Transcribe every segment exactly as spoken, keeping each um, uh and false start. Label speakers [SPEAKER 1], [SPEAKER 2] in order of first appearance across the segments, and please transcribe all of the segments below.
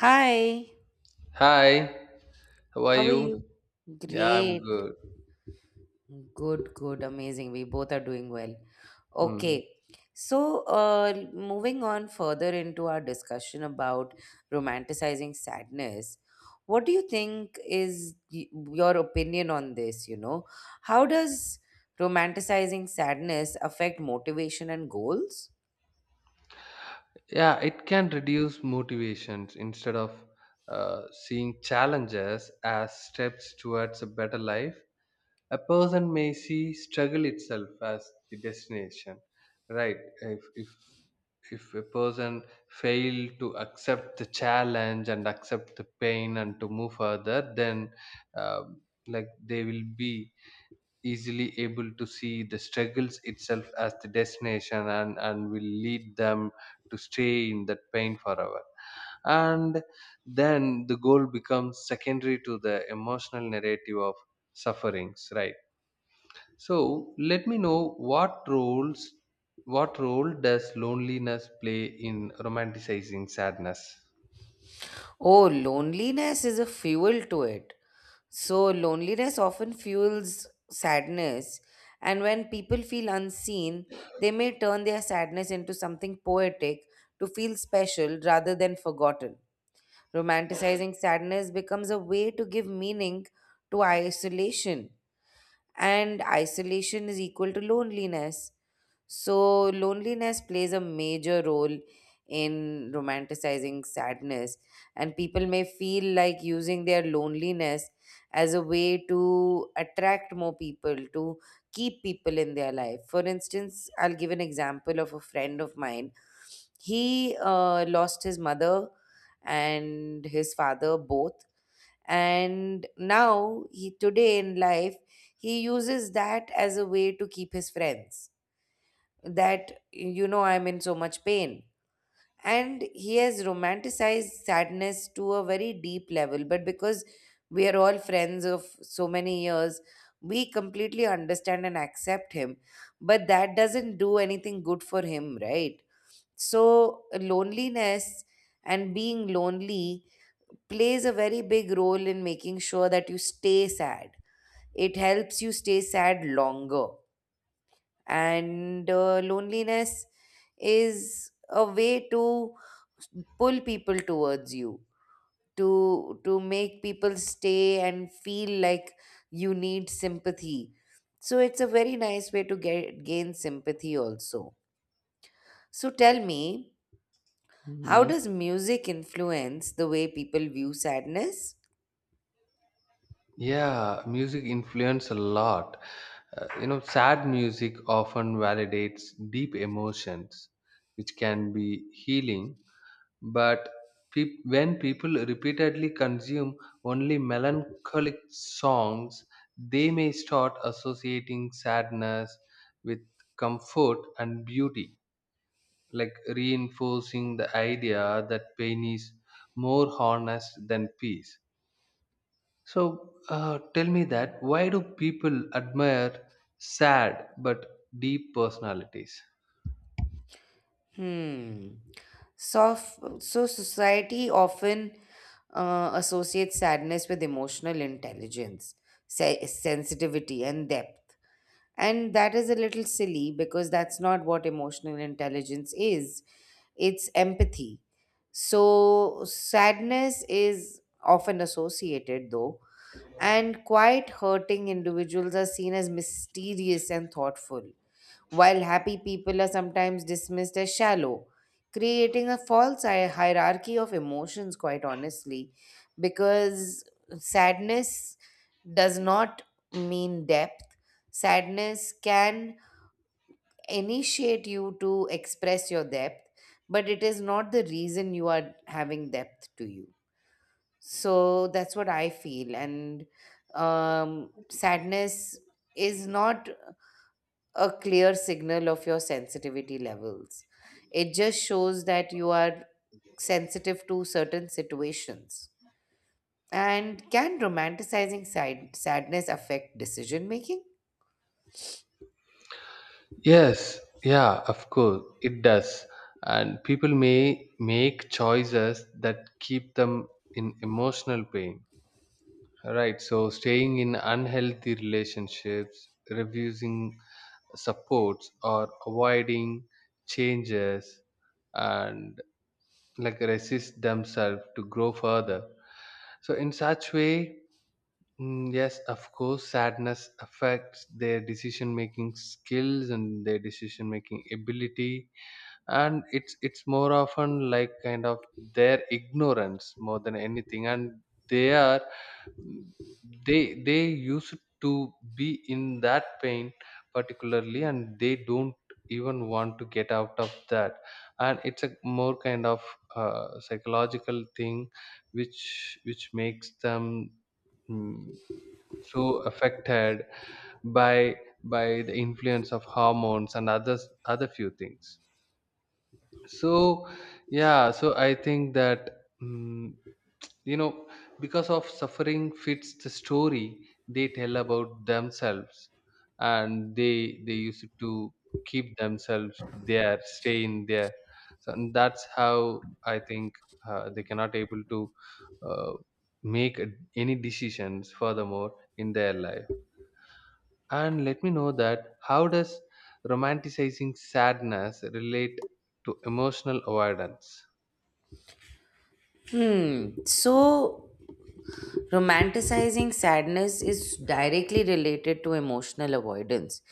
[SPEAKER 1] Hi,
[SPEAKER 2] Hi, how are
[SPEAKER 1] how are
[SPEAKER 2] you?
[SPEAKER 1] you?
[SPEAKER 2] Yeah, I'm
[SPEAKER 1] Great.
[SPEAKER 2] good.
[SPEAKER 1] Good, good, amazing. We both are doing well.
[SPEAKER 2] Mm.
[SPEAKER 1] Okay. So, uh, moving on further into our discussion about romanticizing sadness, what do you think is y- your opinion on this? You know, how does romanticizing sadness affect motivation and goals?
[SPEAKER 2] Yeah, it can reduce motivations instead of uh, seeing challenges as steps towards a better life. A person may see struggle itself as the destination, right? If if if a person fail to accept the challenge and accept the pain and to move further, then um like they will be easily able to see the struggles itself as the destination, and, and will lead them to stay in that pain forever. And then the goal becomes secondary to the emotional narrative of sufferings, right? So let me know what roles what role does loneliness play in romanticizing sadness?
[SPEAKER 1] Oh, loneliness is a fuel to it. So, loneliness often fuels sadness, and when people feel unseen, they may turn their sadness into something poetic to feel special rather than forgotten. Romanticizing sadness becomes a way to give meaning to isolation, and isolation is equal to loneliness. So, loneliness plays a major role in romanticizing sadness, and people may feel like using their loneliness as a way to attract more people, to keep people in their life. For instance, I'll give an example of a friend of mine. He uh, lost his mother and his father both, and now he, today in life, he uses that as a way to keep his friends, that, you know, I'm in so much pain. And he has romanticized sadness to a very deep level, but because we are all friends of so many years, we completely understand and accept him. But that doesn't do anything good for him, right? So loneliness and being lonely plays a very big role in making sure that you stay sad. It helps you stay sad longer. And uh, loneliness is a way to pull people towards you, to to make people stay and feel like you need sympathy. So it's a very nice way to get gain sympathy also. So tell me, how
[SPEAKER 2] Mhm.
[SPEAKER 1] does music influence the way people view sadness?
[SPEAKER 2] Yeah, music influence a lot. Uh, you know, sad music often validates deep emotions, which can be healing. But peop when people repeatedly consume only melancholic songs, they may start associating sadness with comfort and beauty, like reinforcing the idea that pain is more honest than peace. So uh, tell me that why do people admire sad but deep personalities?
[SPEAKER 1] Hmm. So, so society often uh, associates sadness with emotional intelligence, se- sensitivity, and depth. And that is a little silly because that's not what emotional intelligence is. It's empathy. So, sadness is often associated, though, and quite hurting individuals are seen as mysterious and thoughtful, while happy people are sometimes dismissed as shallow, creating a false hi- hierarchy of emotions, quite honestly, because sadness does not mean depth. Sadness can initiate you to express your depth, but it is not the reason you are having depth to you. So that's what I feel. And um, sadness is not a clear signal of your sensitivity levels. It just shows that you are sensitive to certain situations. And can romanticizing sad- sadness affect decision making?
[SPEAKER 2] Yes, yeah, of course, it does. And people may make choices that keep them in emotional pain. Right, so staying in unhealthy relationships, refusing supports, or avoiding changes and like resist themselves to grow further. So, in such way, Mm, yes, of course, sadness affects their decision making skills and their decision making ability, and it's it's more often like kind of their ignorance more than anything, and they are mm, they they used to be in that pain particularly, and they don't even want to get out of that, and it's a more kind of uh, psychological thing, which which makes them. mm, so affected by by the influence of hormones and others other few things. So yeah, so I think that mm you know because of suffering fits the story they tell about themselves, and they they used to keep themselves there, stay in there. So and that's how I think uh, they cannot able to uh, make a- any decisions furthermore in their life. And let me know that how does romanticizing sadness relate to emotional avoidance?
[SPEAKER 1] Hmm. So romanticizing sadness is directly related to emotional avoidance.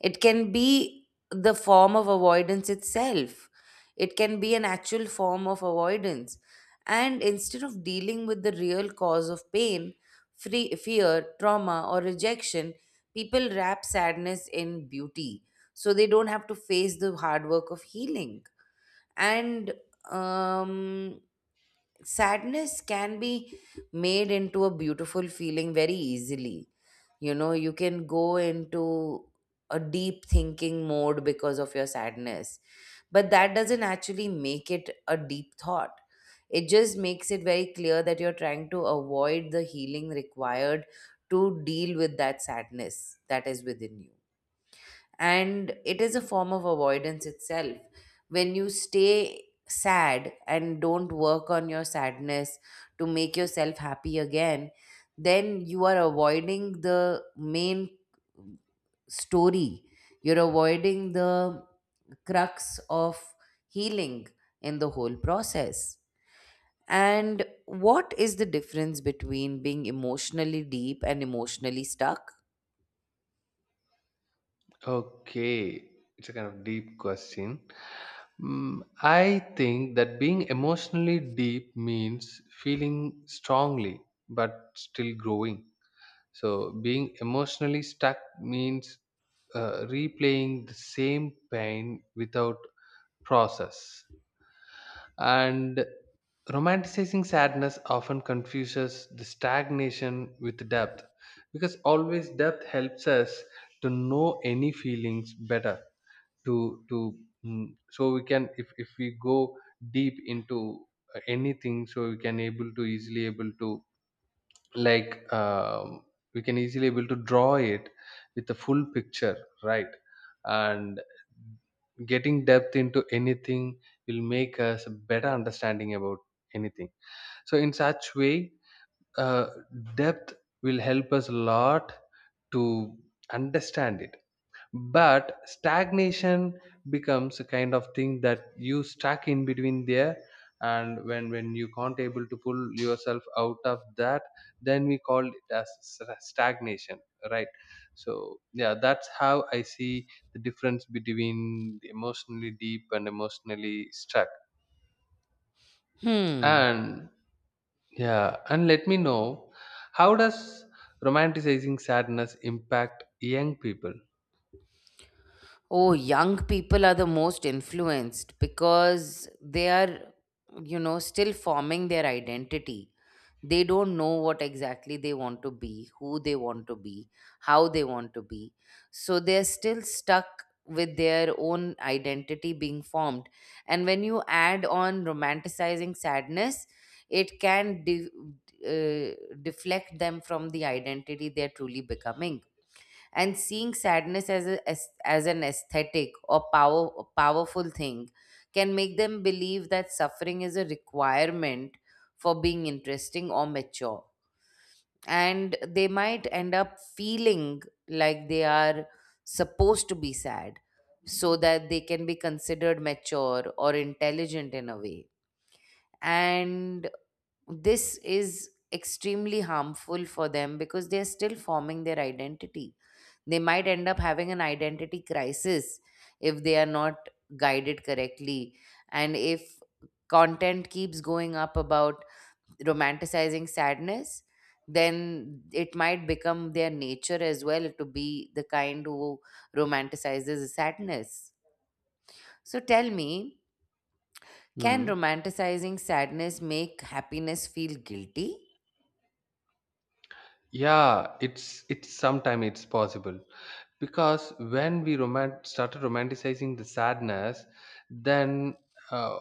[SPEAKER 1] It can be the form of avoidance itself, it can be an actual form of avoidance. And instead of dealing with the real cause of pain, free, fear, trauma, or rejection, people wrap sadness in beauty so they don't have to face the hard work of healing. And um, sadness can be made into a beautiful feeling very easily. You know you can go into a deep thinking mode because of your sadness, but that doesn't actually make it a deep thought. It just makes it very clear that you're trying to avoid the healing required to deal with that sadness that is within you, and it is a form of avoidance itself. When you stay sad and don't work on your sadness to make yourself happy again, then you are avoiding the main story. You're avoiding the crux of healing in the whole process. And what is the difference between being emotionally deep and emotionally stuck?
[SPEAKER 2] Okay, it's a kind of deep question. Mm, I think that being emotionally deep means feeling strongly but still growing. So, being emotionally stuck means uh, replaying the same pain without process. And romanticizing sadness often confuses the stagnation with depth, because always depth helps us to know any feelings better to to mm, so we can, if, if we go deep into uh, anything, so we can able to easily able to like um, we can easily able to draw it with a full picture, right? And getting depth into anything will make us a better understanding about anything. So in such way, uh, depth will help us a lot to understand it. But stagnation becomes a kind of thing that you stuck in between there, and when when you can't able to pull yourself out of that, then we call it as s- stagnation, right? So yeah, that's how I see the difference between the emotionally deep and emotionally stuck.
[SPEAKER 1] Hmm.
[SPEAKER 2] And yeah, and let me know how does romanticizing sadness impact young people.
[SPEAKER 1] Oh, young people are the most influenced because they are, you know, still forming their identity. They don't know what exactly they want to be, who they want to be, how they want to be. So they're still stuck with their own identity being formed. And when you add on romanticizing sadness, it can de- uh, deflect them from the identity they're truly becoming, and seeing sadness as a, as, as an aesthetic or power powerful thing can make them believe that suffering is a requirement for being interesting or mature, and they might end up feeling like they are supposed to be sad so that they can be considered mature or intelligent in a way. And this is extremely harmful for them because they are still forming their identity. They might end up having an identity crisis if they are not guided correctly. And if content keeps going up about romanticizing sadness, then it might become their nature as well to be the kind who romanticizes sadness. So tell me, can
[SPEAKER 2] Hmm.
[SPEAKER 1] romanticizing sadness make happiness feel guilty?
[SPEAKER 2] Yeah, it's it's sometime it's possible, because when we romant started romanticizing the sadness, then uh,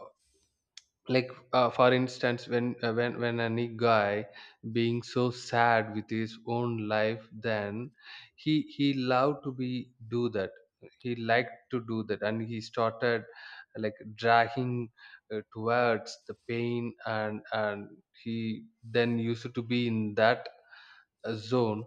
[SPEAKER 2] like uh, for instance, when uh, when when any guy being so sad with his own life, then he he loved to be do that, he liked to do that, and he started like dragging uh, towards the pain, and and he then used to be in that uh, zone.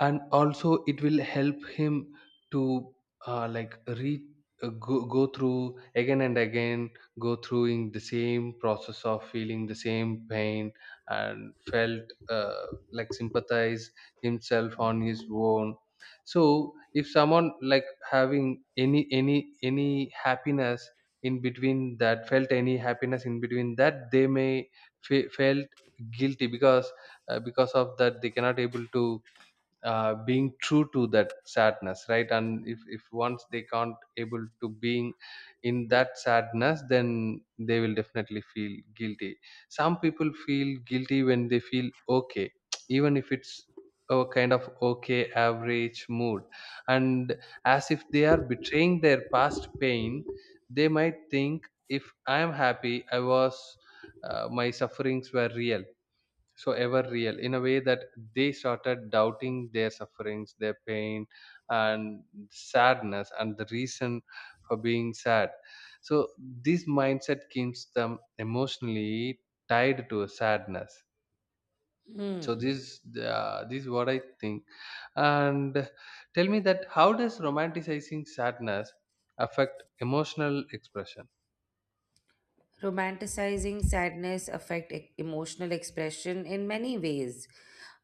[SPEAKER 2] And also it will help him to uh, like re uh, go, go through again and again, go through in the same process of feeling the same pain and felt uh, like sympathize himself on his own. So if someone like having any any any happiness in between that, felt any happiness in between that, they may fe- felt guilty because uh, because of that they cannot able to uh, being true to that sadness, right? And if, if once they can't able to being in that sadness, then they will definitely feel guilty. Some people feel guilty when they feel okay, even if it's a kind of okay average mood, and as if they are betraying their past pain. They might think if I am happy, I was uh, my sufferings were real. So ever real in a way that they started doubting their sufferings, their pain and sadness and the reason for being sad. So this mindset keeps them emotionally tied to sadness. So
[SPEAKER 1] Hmm.
[SPEAKER 2] this uh, this is what I think. And tell me that how does romanticizing sadness affect emotional expression.
[SPEAKER 1] Romanticizing sadness affect e- emotional expression in many ways.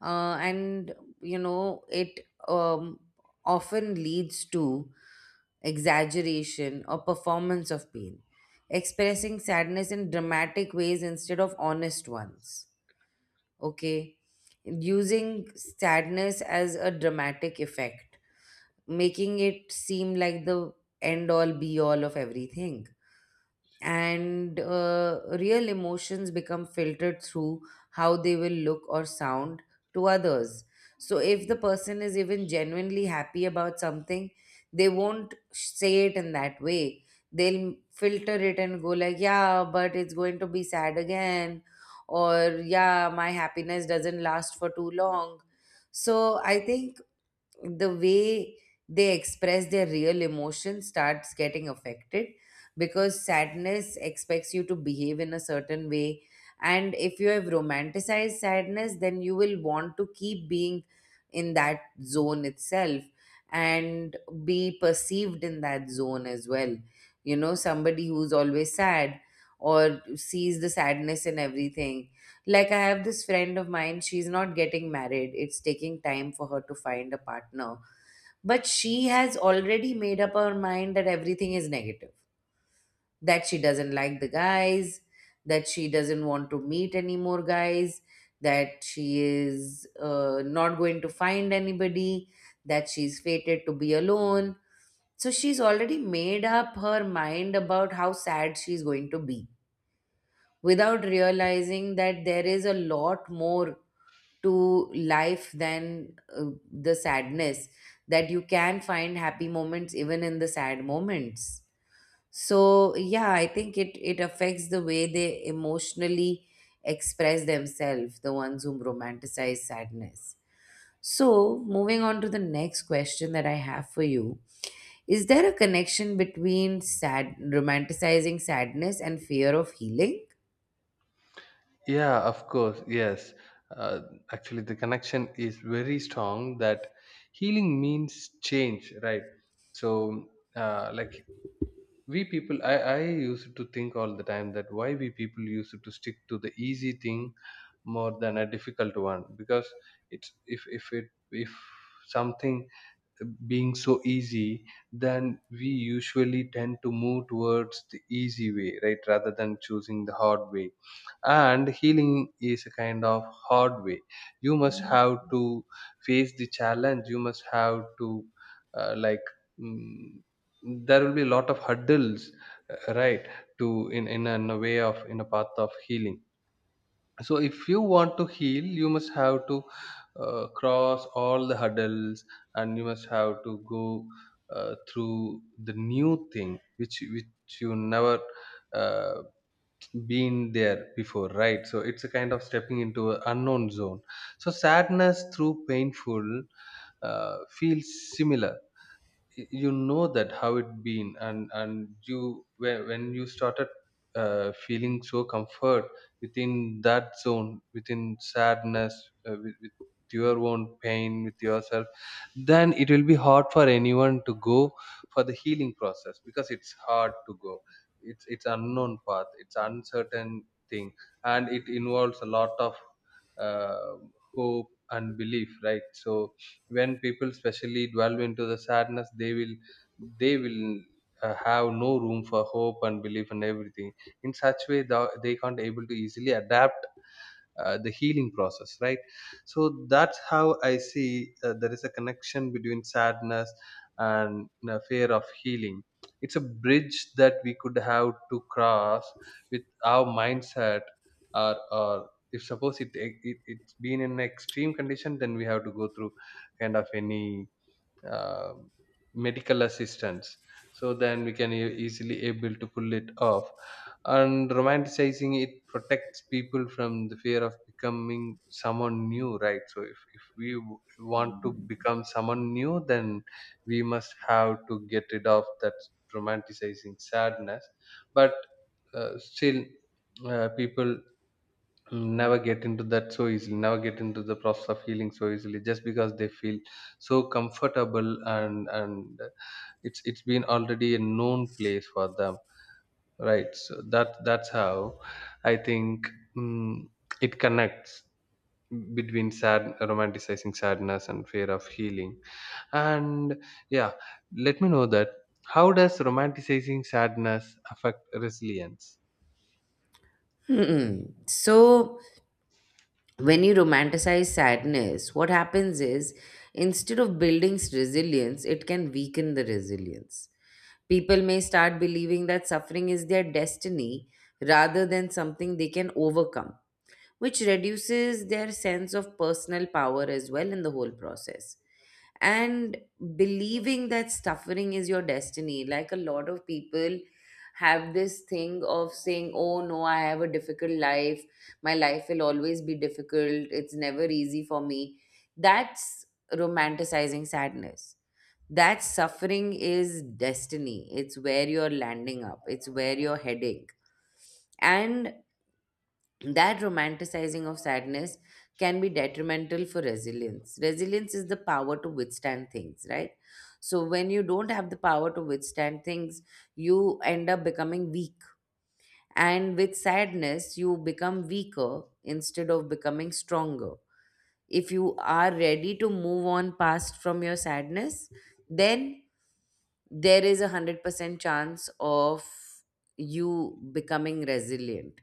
[SPEAKER 1] uh, and you know it um, often leads to exaggeration or performance of pain, expressing sadness in dramatic ways instead of honest ones. Okay, using sadness as a dramatic effect, making it seem like the end all be all of everything. And uh, real emotions become filtered through how they will look or sound to others. So, if the person is even genuinely happy about something, they won't say it in that way. They'll filter it and go, like, yeah, but it's going to be sad again, or yeah, my happiness doesn't last for too long. So, I think the way they express their real emotion starts getting affected because sadness expects you to behave in a certain way, and if you have romanticized sadness then you will want to keep being in that zone itself, and be perceived in that zone as well. You know, somebody who's always sad or sees the sadness in everything, like, I have this friend of mine, she's not getting married. It's taking time for her to find a partner. But she has already made up her mind that everything is negative, that she doesn't like the guys, that she doesn't want to meet any more guys, that she is uh, not going to find anybody, that she's fated to be alone. So she's already made up her mind about how sad she's going to be without realizing that there is a lot more to life than uh, the sadness, that you can find happy moments even in the sad moments. So yeah, I think it it affects the way they emotionally express themselves, the ones whom romanticize sadness. So moving on to the next question that I have for you: is there a connection between sad romanticizing sadness and fear of healing?
[SPEAKER 2] Yeah, of course. Yes. Uh, Actually, the connection is very strong that healing means change, right? So, uh, like, we people, I, I used to think all the time that why we people used to stick to the easy thing more than a difficult one, because it's if if it if something being so easy, then we usually tend to move towards the easy way, right, rather than choosing the hard way. And healing is a kind of hard way. You must have to face the challenge, you must have to, uh, like, mm, there will be a lot of hurdles, uh, right, to in, in, a- in a way of in a path of healing. So if you want to heal, you must have to uh, cross all the hurdles, and you must have to go uh, through the new thing which which you never uh, been there before, right? So it's a kind of stepping into an unknown zone. So sadness through painful uh, feels similar. Y- you know that how it been, and and you when when you started uh, feeling so comfort within that zone, within sadness, uh, with, with your own pain, with yourself, then it will be hard for anyone to go for the healing process, because it's hard to go, it's it's unknown path, it's uncertain thing. And it involves a lot of uh, hope and belief, right? So when people specially dwell into the sadness, they will they will uh, have no room for hope and belief and everything. In such way, the, they can't able to easily adapt uh, the healing process, right? So that's how I see uh, there is a connection between sadness and you fear of healing. It's a bridge that we could have to cross with our mindset, or, or if suppose it, it it's been in an extreme condition, then we have to go through kind of any uh, medical assistance. So then we can e- easily able to pull it off. And romanticizing it protects people from the fear of becoming someone new, right? So if, if we w- want to become someone new, then we must have to get rid of that romanticizing sadness. But uh, still uh, people never get into that so easily, never get into the process of healing so easily, just because they feel so comfortable, and and it's it's been already a known place for them, right? So that that's how I think mm it connects between sad romanticizing sadness and fear of healing. And yeah, let me know that how does romanticizing sadness affect resilience.
[SPEAKER 1] Hmm. So when you romanticize sadness, what happens is, instead of building resilience, it can weaken the resilience. People may start believing that suffering is their destiny rather than something they can overcome, which reduces their sense of personal power as well in the whole process. And believing that suffering is your destiny, like a lot of people have this thing of saying, "Oh no, I have a difficult life. My life will always be difficult. It's never easy for me." That's romanticizing sadness. That suffering is destiny. It's where you're landing up, it's where you're heading. And that romanticizing of sadness can be detrimental for resilience. Resilience is the power to withstand things, right? So, when you don't have the power to withstand things, you end up becoming weak. And with sadness, you become weaker instead of becoming stronger. If you are ready to move on past from your sadness, then there is a one hundred percent chance of you becoming resilient.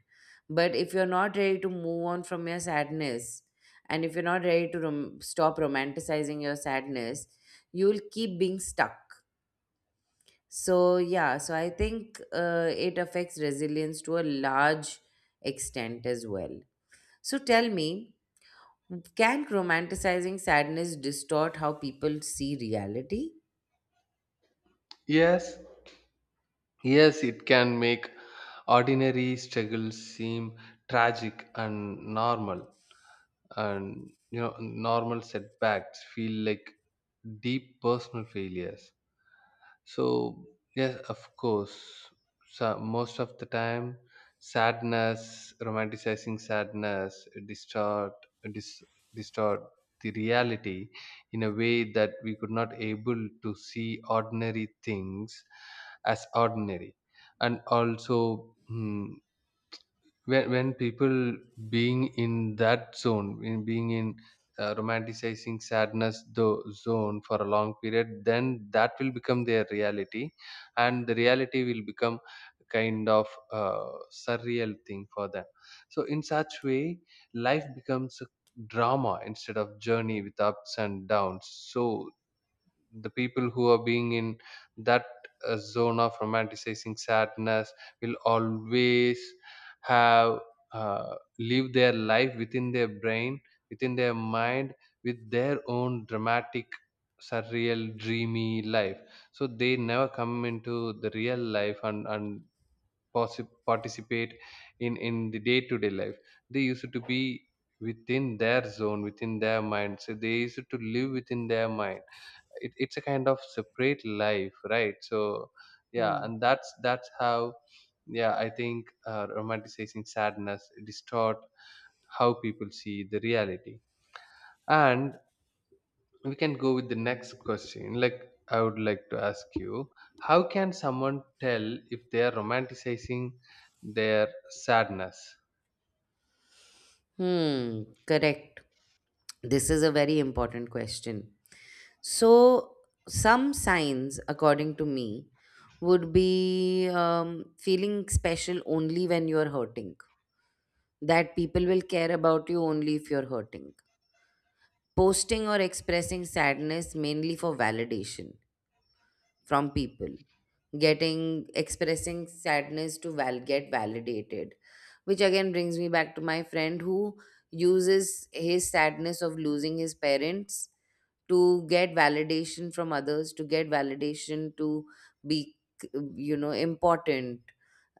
[SPEAKER 1] But if you're not ready to move on from your sadness, and if you're not ready to rom- stop romanticizing your sadness, you'll keep being stuck. So, yeah, so I think uh, it affects resilience to a large extent as well. So, tell me, can romanticizing sadness distort how people see reality?
[SPEAKER 2] Yes. Yes, it can make ordinary struggles seem tragic and normal, and you know, normal setbacks feel like deep personal failures. So yes, of course. So most of the time, sadness, romanticizing sadness, distort, dis, distort the reality in a way that we could not able to see ordinary things as ordinary, and also. Hmm, when when people being in that zone, in being in uh, romanticizing sadness the zone for a long period, then that will become their reality, and the reality will become kind of uh, surreal thing for them. So in such way, life becomes a drama instead of journey with ups and downs. So the people who are being in that uh, zone of romanticizing sadness will always have uh, live their life within their brain, within their mind, with their own dramatic, surreal, dreamy life. So they never come into the real life and and possi- participate in in the day to day life. They used to be within their zone, within their mind, so they used to live within their mind. It, it's a kind of separate life, right? So yeah,
[SPEAKER 1] Hmm.
[SPEAKER 2] and that's that's how, yeah, I think uh, romanticizing sadness distort how people see the reality. And we can go with the next question. Like, I would like to ask you, how can someone tell if they are romanticizing their sadness?
[SPEAKER 1] Hmm. Correct. This is a very important question. So, some signs, according to me, would be um, feeling special only when you're hurting, that people will care about you only if you're hurting, posting or expressing sadness mainly for validation from people, getting expressing sadness to val- get validated, which again brings me back to my friend who uses his sadness of losing his parents to get validation from others, to get validation to be, you know, important,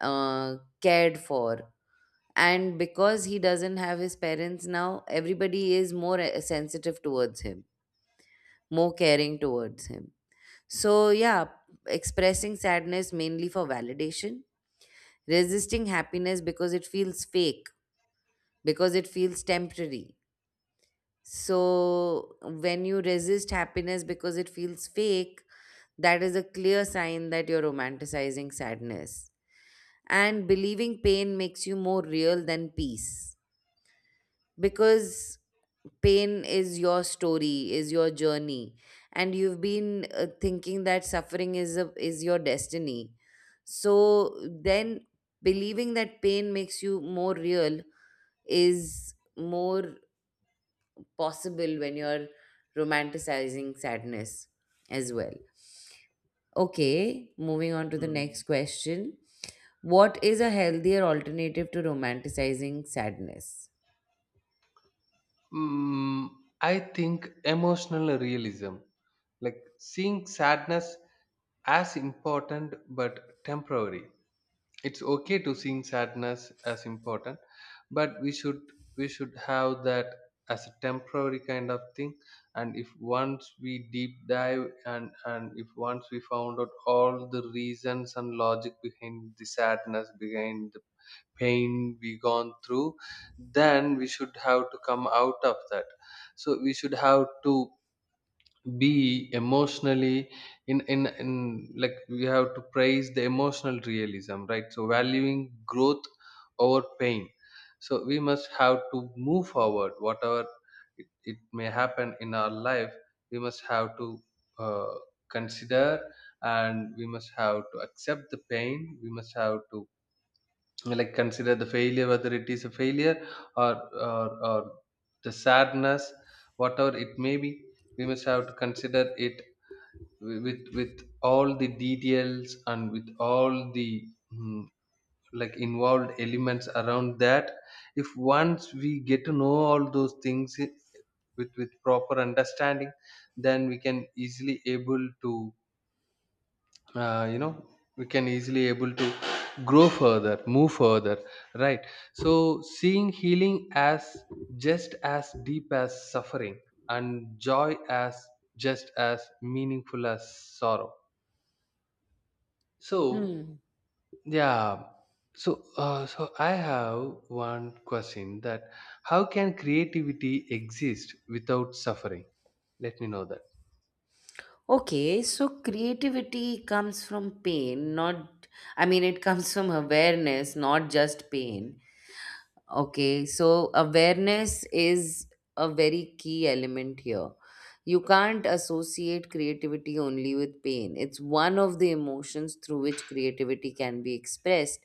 [SPEAKER 1] uh, cared for. And because he doesn't have his parents now, everybody is more uh, sensitive towards him, more caring towards him. So, yeah, expressing sadness mainly for validation, resisting happiness because it feels fake, because it feels temporary. So, when you resist happiness because it feels fake, that is a clear sign that you're romanticizing sadness. And believing pain makes you more real than peace, because pain is your story, is your journey, and you've been uh, thinking that suffering is a, is your destiny. So then believing that pain makes you more real is more possible when you're romanticizing sadness as well. Okay, moving on to the
[SPEAKER 2] Mm.
[SPEAKER 1] next question. What is a healthier alternative to romanticizing sadness?
[SPEAKER 2] mm, I think emotional realism, like seeing sadness as important but temporary. It's okay to sing sadness as important, but we should we should have that as a temporary kind of thing. And if once we deep dive and and if once we found out all the reasons and logic behind the sadness, behind the pain we gone through, then we should have to come out of that. So we should have to be emotionally in, in in like, we have to praise the emotional realism, right? So valuing growth over pain, so we must have to move forward whatever it, it may happen in our life. We must have to uh, consider, and we must have to accept the pain. We must have to like consider the failure, whether it is a failure or or, or the sadness, whatever it may be, we must have to consider it wi- with with all the details and with all the mm, like involved elements around that. If once we get to know all those things, i- with with proper understanding, then we can easily able to uh, you know we can easily able to grow further, move further, right? So seeing healing as just as deep as suffering, and joy as just as meaningful as sorrow. So
[SPEAKER 1] Hmm.
[SPEAKER 2] yeah. So uh, so I have one question, that how can creativity exist without suffering? Let me know that.
[SPEAKER 1] Okay, so creativity comes from pain, not, I mean, it comes from awareness, not just pain. Okay, so awareness is a very key element here. You can't associate creativity only with pain. It's one of the emotions through which creativity can be expressed.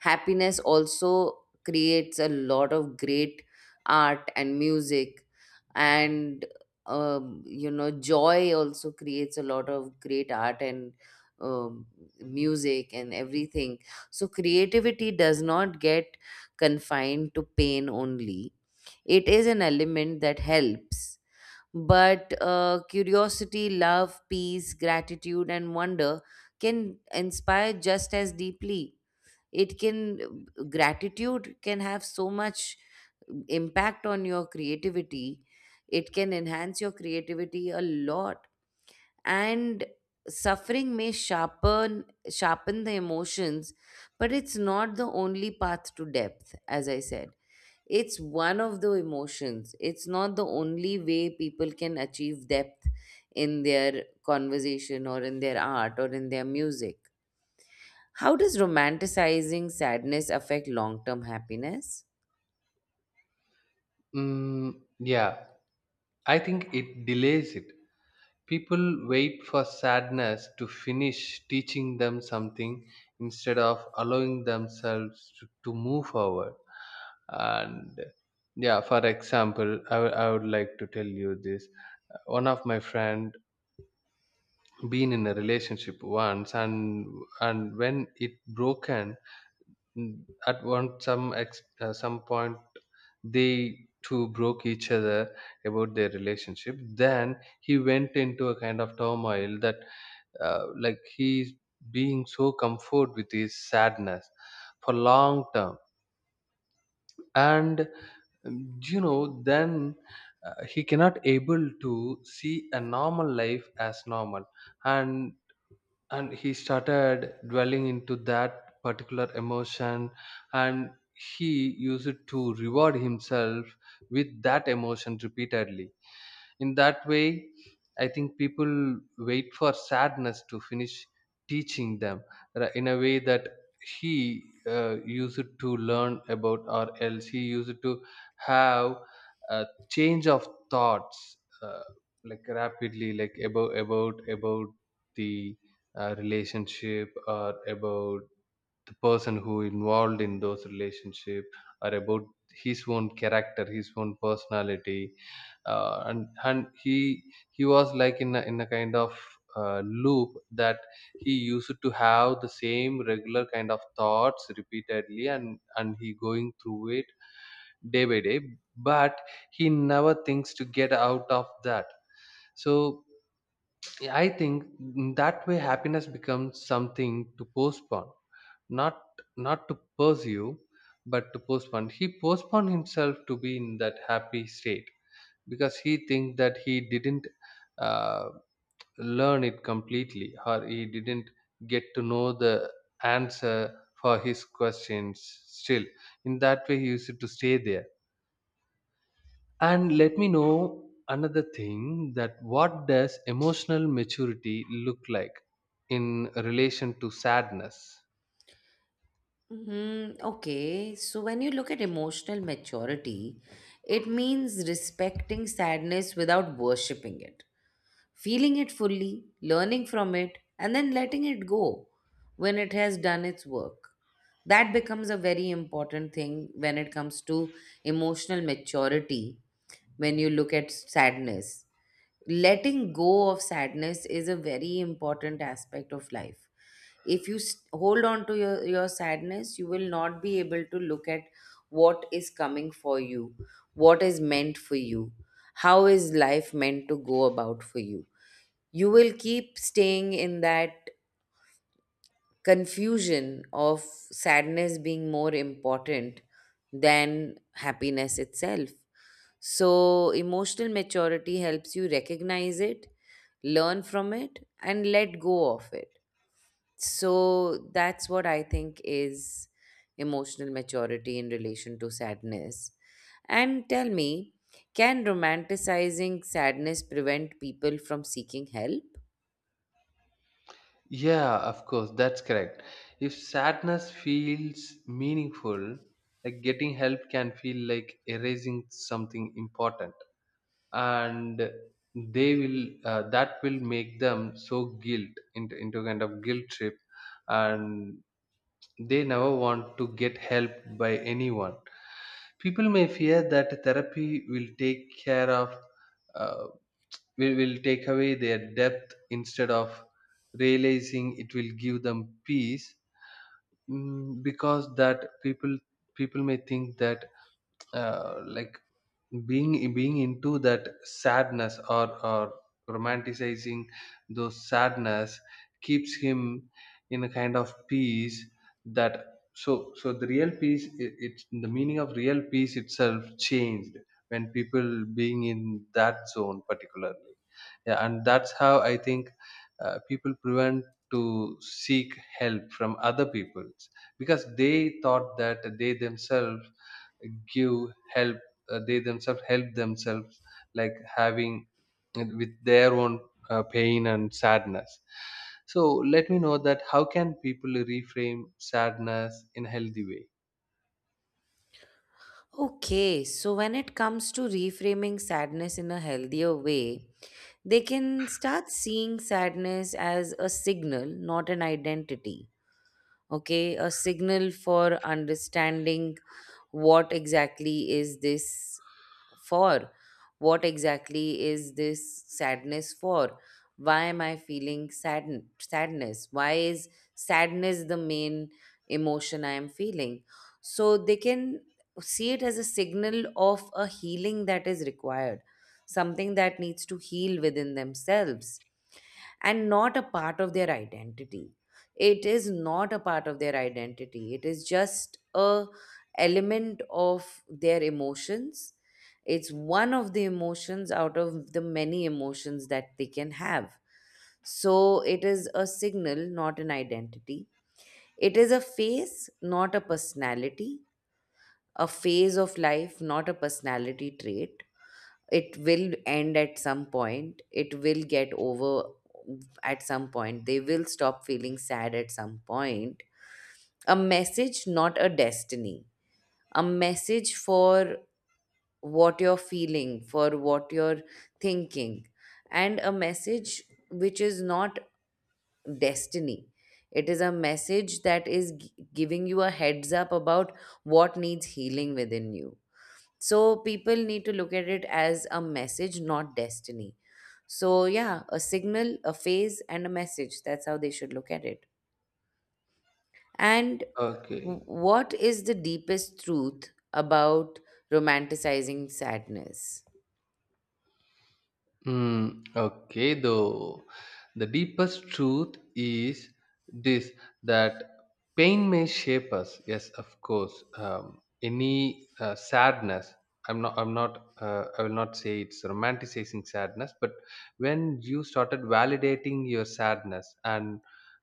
[SPEAKER 1] Happiness also creates a lot of great art and music, and um, you know, joy also creates a lot of great art and um, music and everything. So, creativity does not get confined to pain only. It is an element that helps. But uh, curiosity, love, peace, gratitude, and wonder can inspire just as deeply. It can, gratitude can have so much impact on your creativity. It can enhance your creativity a lot. And suffering may sharpen sharpen the emotions, but it's not the only path to depth. As I said, it's one of the emotions. It's not the only way people can achieve depth in their conversation or in their art or in their music. How does romanticizing sadness affect long-term happiness?
[SPEAKER 2] mm, yeah, I think it delays it. People wait for sadness to finish teaching them something instead of allowing themselves to, to move forward. And yeah, for example, I would I would like to tell you this. One of my friend been in a relationship once, and and when it broken. Mm, at one some ex, uh, some point, they two broke each other about their relationship. Then he went into a kind of turmoil that uh, like he's being so comfort with his sadness for long term. And um, you know then uh, he cannot able to see a normal life as normal. and and he started dwelling into that particular emotion, and he used to reward himself with that emotion repeatedly. In that way, I think people wait for sadness to finish teaching them, ra- in a way that he uh, used to learn about, or else he used to have a change of thoughts, uh, like rapidly, like about about about the uh, relationship, or about the person who involved in those relationship, or about his own character, his own personality. uh, and and he he was like in a, in a kind of uh, loop that he used to have the same regular kind of thoughts repeatedly, and and he going through it day by day. But he never thinks to get out of that. So yeah, I think in that way happiness becomes something to postpone, not not to pursue, but to postpone. He postponed himself to be in that happy state because he thinks that he didn't uh, learn it completely, or he didn't get to know the answer for his questions. Still, in that way, he used to stay there. And let me know another thing, that what does emotional maturity look like in relation to sadness?
[SPEAKER 1] Hmm, okay, so when you look at emotional maturity, it means respecting sadness without worshipping it, feeling it fully, learning from it, and then letting it go when it has done its work. That becomes a very important thing when it comes to emotional maturity. When you look at sadness, letting go of sadness is a very important aspect of life. If you s- hold on to your, your sadness, you will not be able to look at what is coming for you, what is meant for you, how is life meant to go about for you. You will keep staying in that confusion of sadness being more important than happiness itself. So, emotional maturity helps you recognize it, learn from it, and let go of it. So, that's what I think is emotional maturity in relation to sadness. And tell me, can romanticizing sadness prevent people from seeking help?
[SPEAKER 2] Yeah, of course, that's correct. If sadness feels meaningful, like getting help can feel like erasing something important, and they will uh, that will make them so guilt into into kind of guilt trip, and they never want to get help by anyone. People may fear that therapy will take care of uh, will, will take away their depth instead of realizing it will give them peace. Mm, because that people, people may think that, uh, like, being being into that sadness, or or romanticizing those sadness keeps him in a kind of peace, that. So so the real peace, it, it's the meaning of real peace itself changed when people being in that zone particularly. Yeah, and that's how I think uh, people prevent to seek help from other peoples, because they thought that they themselves give help, uh, they themselves help themselves, like having uh, with their own uh, pain and sadness. So let me know that, how can people reframe sadness in a healthy way?
[SPEAKER 1] Okay, so when it comes to reframing sadness in a healthier way, they can start seeing sadness as a signal, not an identity. Okay, a signal for understanding what exactly is this for? What exactly is this sadness for? Why am I feeling saddened, sadness? Why is sadness the main emotion I am feeling? So they can see it as a signal of a healing that is required, something that needs to heal within themselves and not a part of their identity. It is not a part of their identity, it is just a element of their emotions. It's one of the emotions out of the many emotions that they can have. So it is a signal, not an identity. It is a phase, not a personality. A phase of life, not a personality trait. It will end at some point, it will get over at some point, they will stop feeling sad at some point. A message, not a destiny. A message for what you're feeling, for what you're thinking. And a message which is not destiny. It is a message that is gi- giving you a heads up about what needs healing within you. So people need to look at it as a message, not destiny. So, yeah, a signal, a phase, and a message. That's how they should look at it. And
[SPEAKER 2] Okay.
[SPEAKER 1] w- what is the deepest truth about romanticizing sadness?
[SPEAKER 2] Mm, okay, though the deepest truth is this, that pain may shape us. Yes, of course. Um, any uh, sadness. I'm not. I'm not. Uh, I will not say it's romanticizing sadness, but when you started validating your sadness, and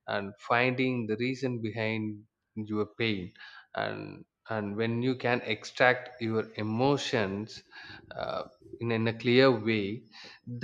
[SPEAKER 2] and finding the reason behind your pain, and and when you can extract your emotions uh, in in a clear way,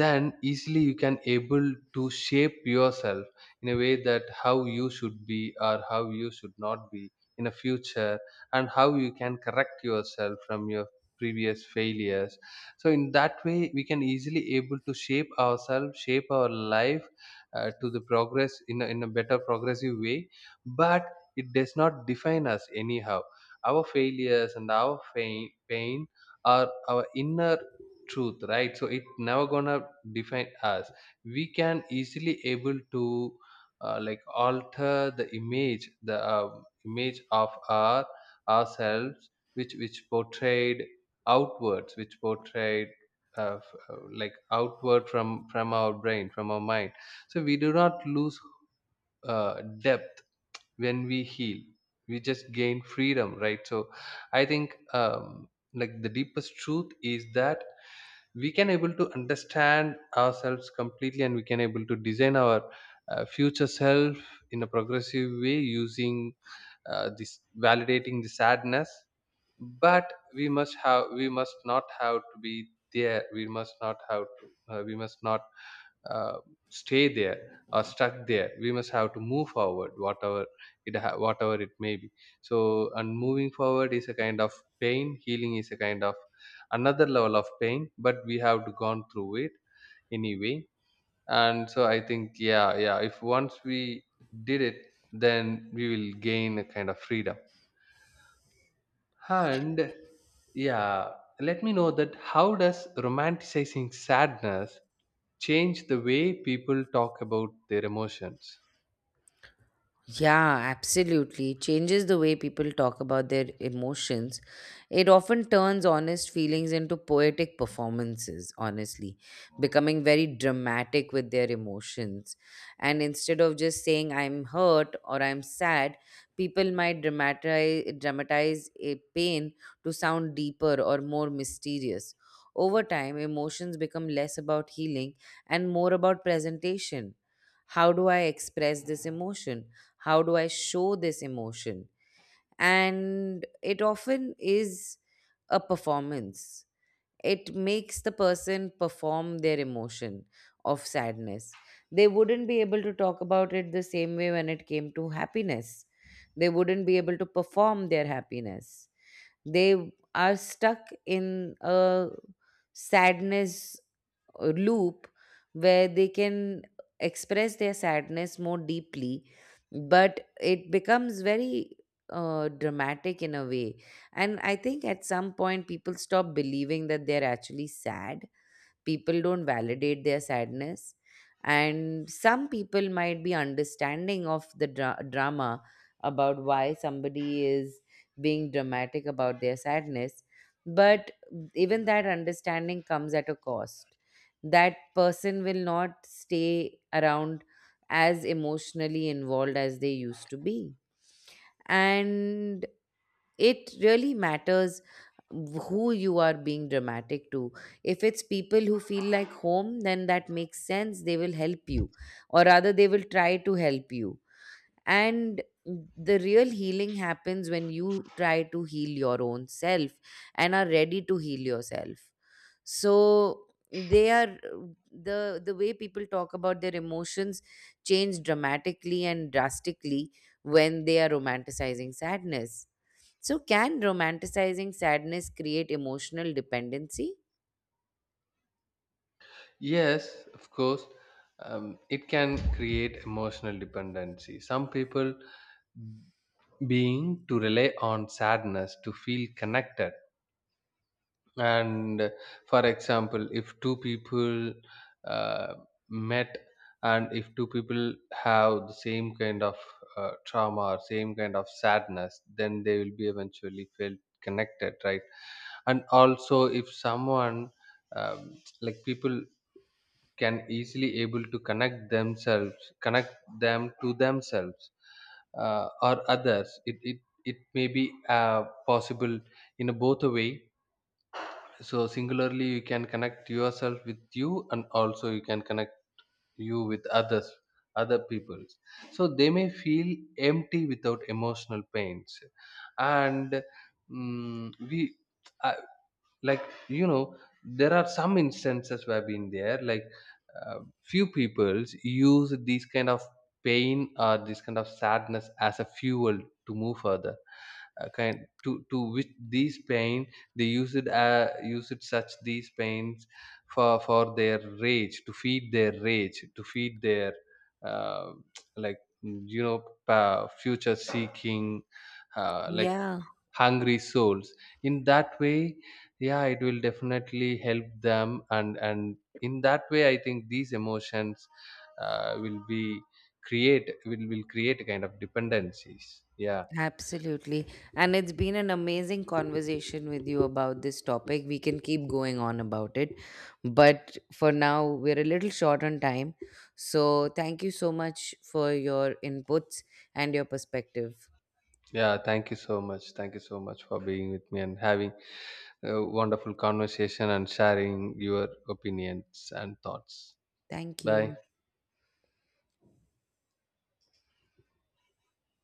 [SPEAKER 2] then easily you can able to shape yourself in a way that how you should be or how you should not be in a future, and how you can correct yourself from your previous failures. So in that way we can easily able to shape ourselves, shape our life uh, to the progress in a, in a better progressive way. But it does not define us anyhow. Our failures and our pain, pain are our inner truth, right? So it never gonna define us. We can easily able to uh, like alter the image, the uh, image of our ourselves, which which portrayed outwards, which portrayed uh, f- uh, like outward from from our brain, from our mind. So we do not lose uh, depth when we heal. We just gain freedom, right? So I think um, like the deepest truth is that we can able to understand ourselves completely, and we can able to design our uh, future self in a progressive way using uh, this validating the sadness. But we must have, we must not have to be there. We must not have to uh, we must not uh, stay there or stuck there. We must have to move forward whatever it ha- whatever it may be. So, and moving forward is a kind of pain. Healing is a kind of another level of pain, but we have to gone through it anyway. And so I think, yeah, yeah, if once we did it, then we will gain a kind of freedom. And yeah, let me know that, how does romanticizing sadness change the way people talk about their emotions?
[SPEAKER 1] Yeah, absolutely. It changes the way people talk about their emotions. It often turns honest feelings into poetic performances, honestly, becoming very dramatic with their emotions. And instead of just saying, I'm hurt or I'm sad, people might dramatize, dramatize a pain to sound deeper or more mysterious. Over time, emotions become less about healing and more about presentation. How do I express this emotion? How do I show this emotion? And it often is a performance. It makes the person perform their emotion of sadness. They wouldn't be able to talk about it the same way when it came to happiness. They wouldn't be able to perform their happiness. They are stuck in a sadness uh, loop where they can express their sadness more deeply, but it becomes very uh, dramatic in a way. And I think at some point people stop believing that they're actually sad. People don't validate their sadness, and some people might be understanding of the dra- drama about why somebody is being dramatic about their sadness. But even that understanding comes at a cost. That person will not stay around as emotionally involved as they used to be. And it really matters who you are being dramatic to. If it's people who feel like home, then that makes sense, they will help you, or rather they will try to help you. And the real healing happens when you try to heal your own self and are ready to heal yourself. So they are, the the way people talk about their emotions change dramatically and drastically when they are romanticizing sadness. So can romanticizing sadness create emotional dependency?
[SPEAKER 2] Yes, of course, um, it can create emotional dependency. Some people being to rely on sadness to feel connected. And for example, if two people uh, met, and if two people have the same kind of uh, trauma or same kind of sadness, then they will be eventually felt connected, right? And also if someone um, like people can easily able to connect themselves, connect them to themselves uh, or others, it, it it may be uh, possible in a both a way. So singularly you can connect yourself with you, and also you can connect you with others, other peoples. So they may feel empty without emotional pains. And mm, we, I, like, you know, there are some instances where I've been there, like uh, few peoples use these kind of pain or this kind of sadness as a fuel to move further. Uh, kind to to which these paint, they use it, uh, use it such these paints for for their rage, to feed their rage, to feed their uh, like, mm, you know uh, future seeking, uh, like
[SPEAKER 1] Yeah,
[SPEAKER 2] hungry souls, in that way. Yeah, it will definitely help them. and and in that way I think these emotions uh, will be create, will will create a kind of dependencies. Yeah.
[SPEAKER 1] absolutely. And it's been an amazing conversation with you about this topic. We can keep going on about it. But for now, we're a little short on time. So thank you so much for your inputs and your perspective.
[SPEAKER 2] Yeah, thank you so much. Thank you so much for being with me and having a wonderful conversation and sharing your opinions and thoughts.
[SPEAKER 1] Thank
[SPEAKER 2] Bye.
[SPEAKER 1] you.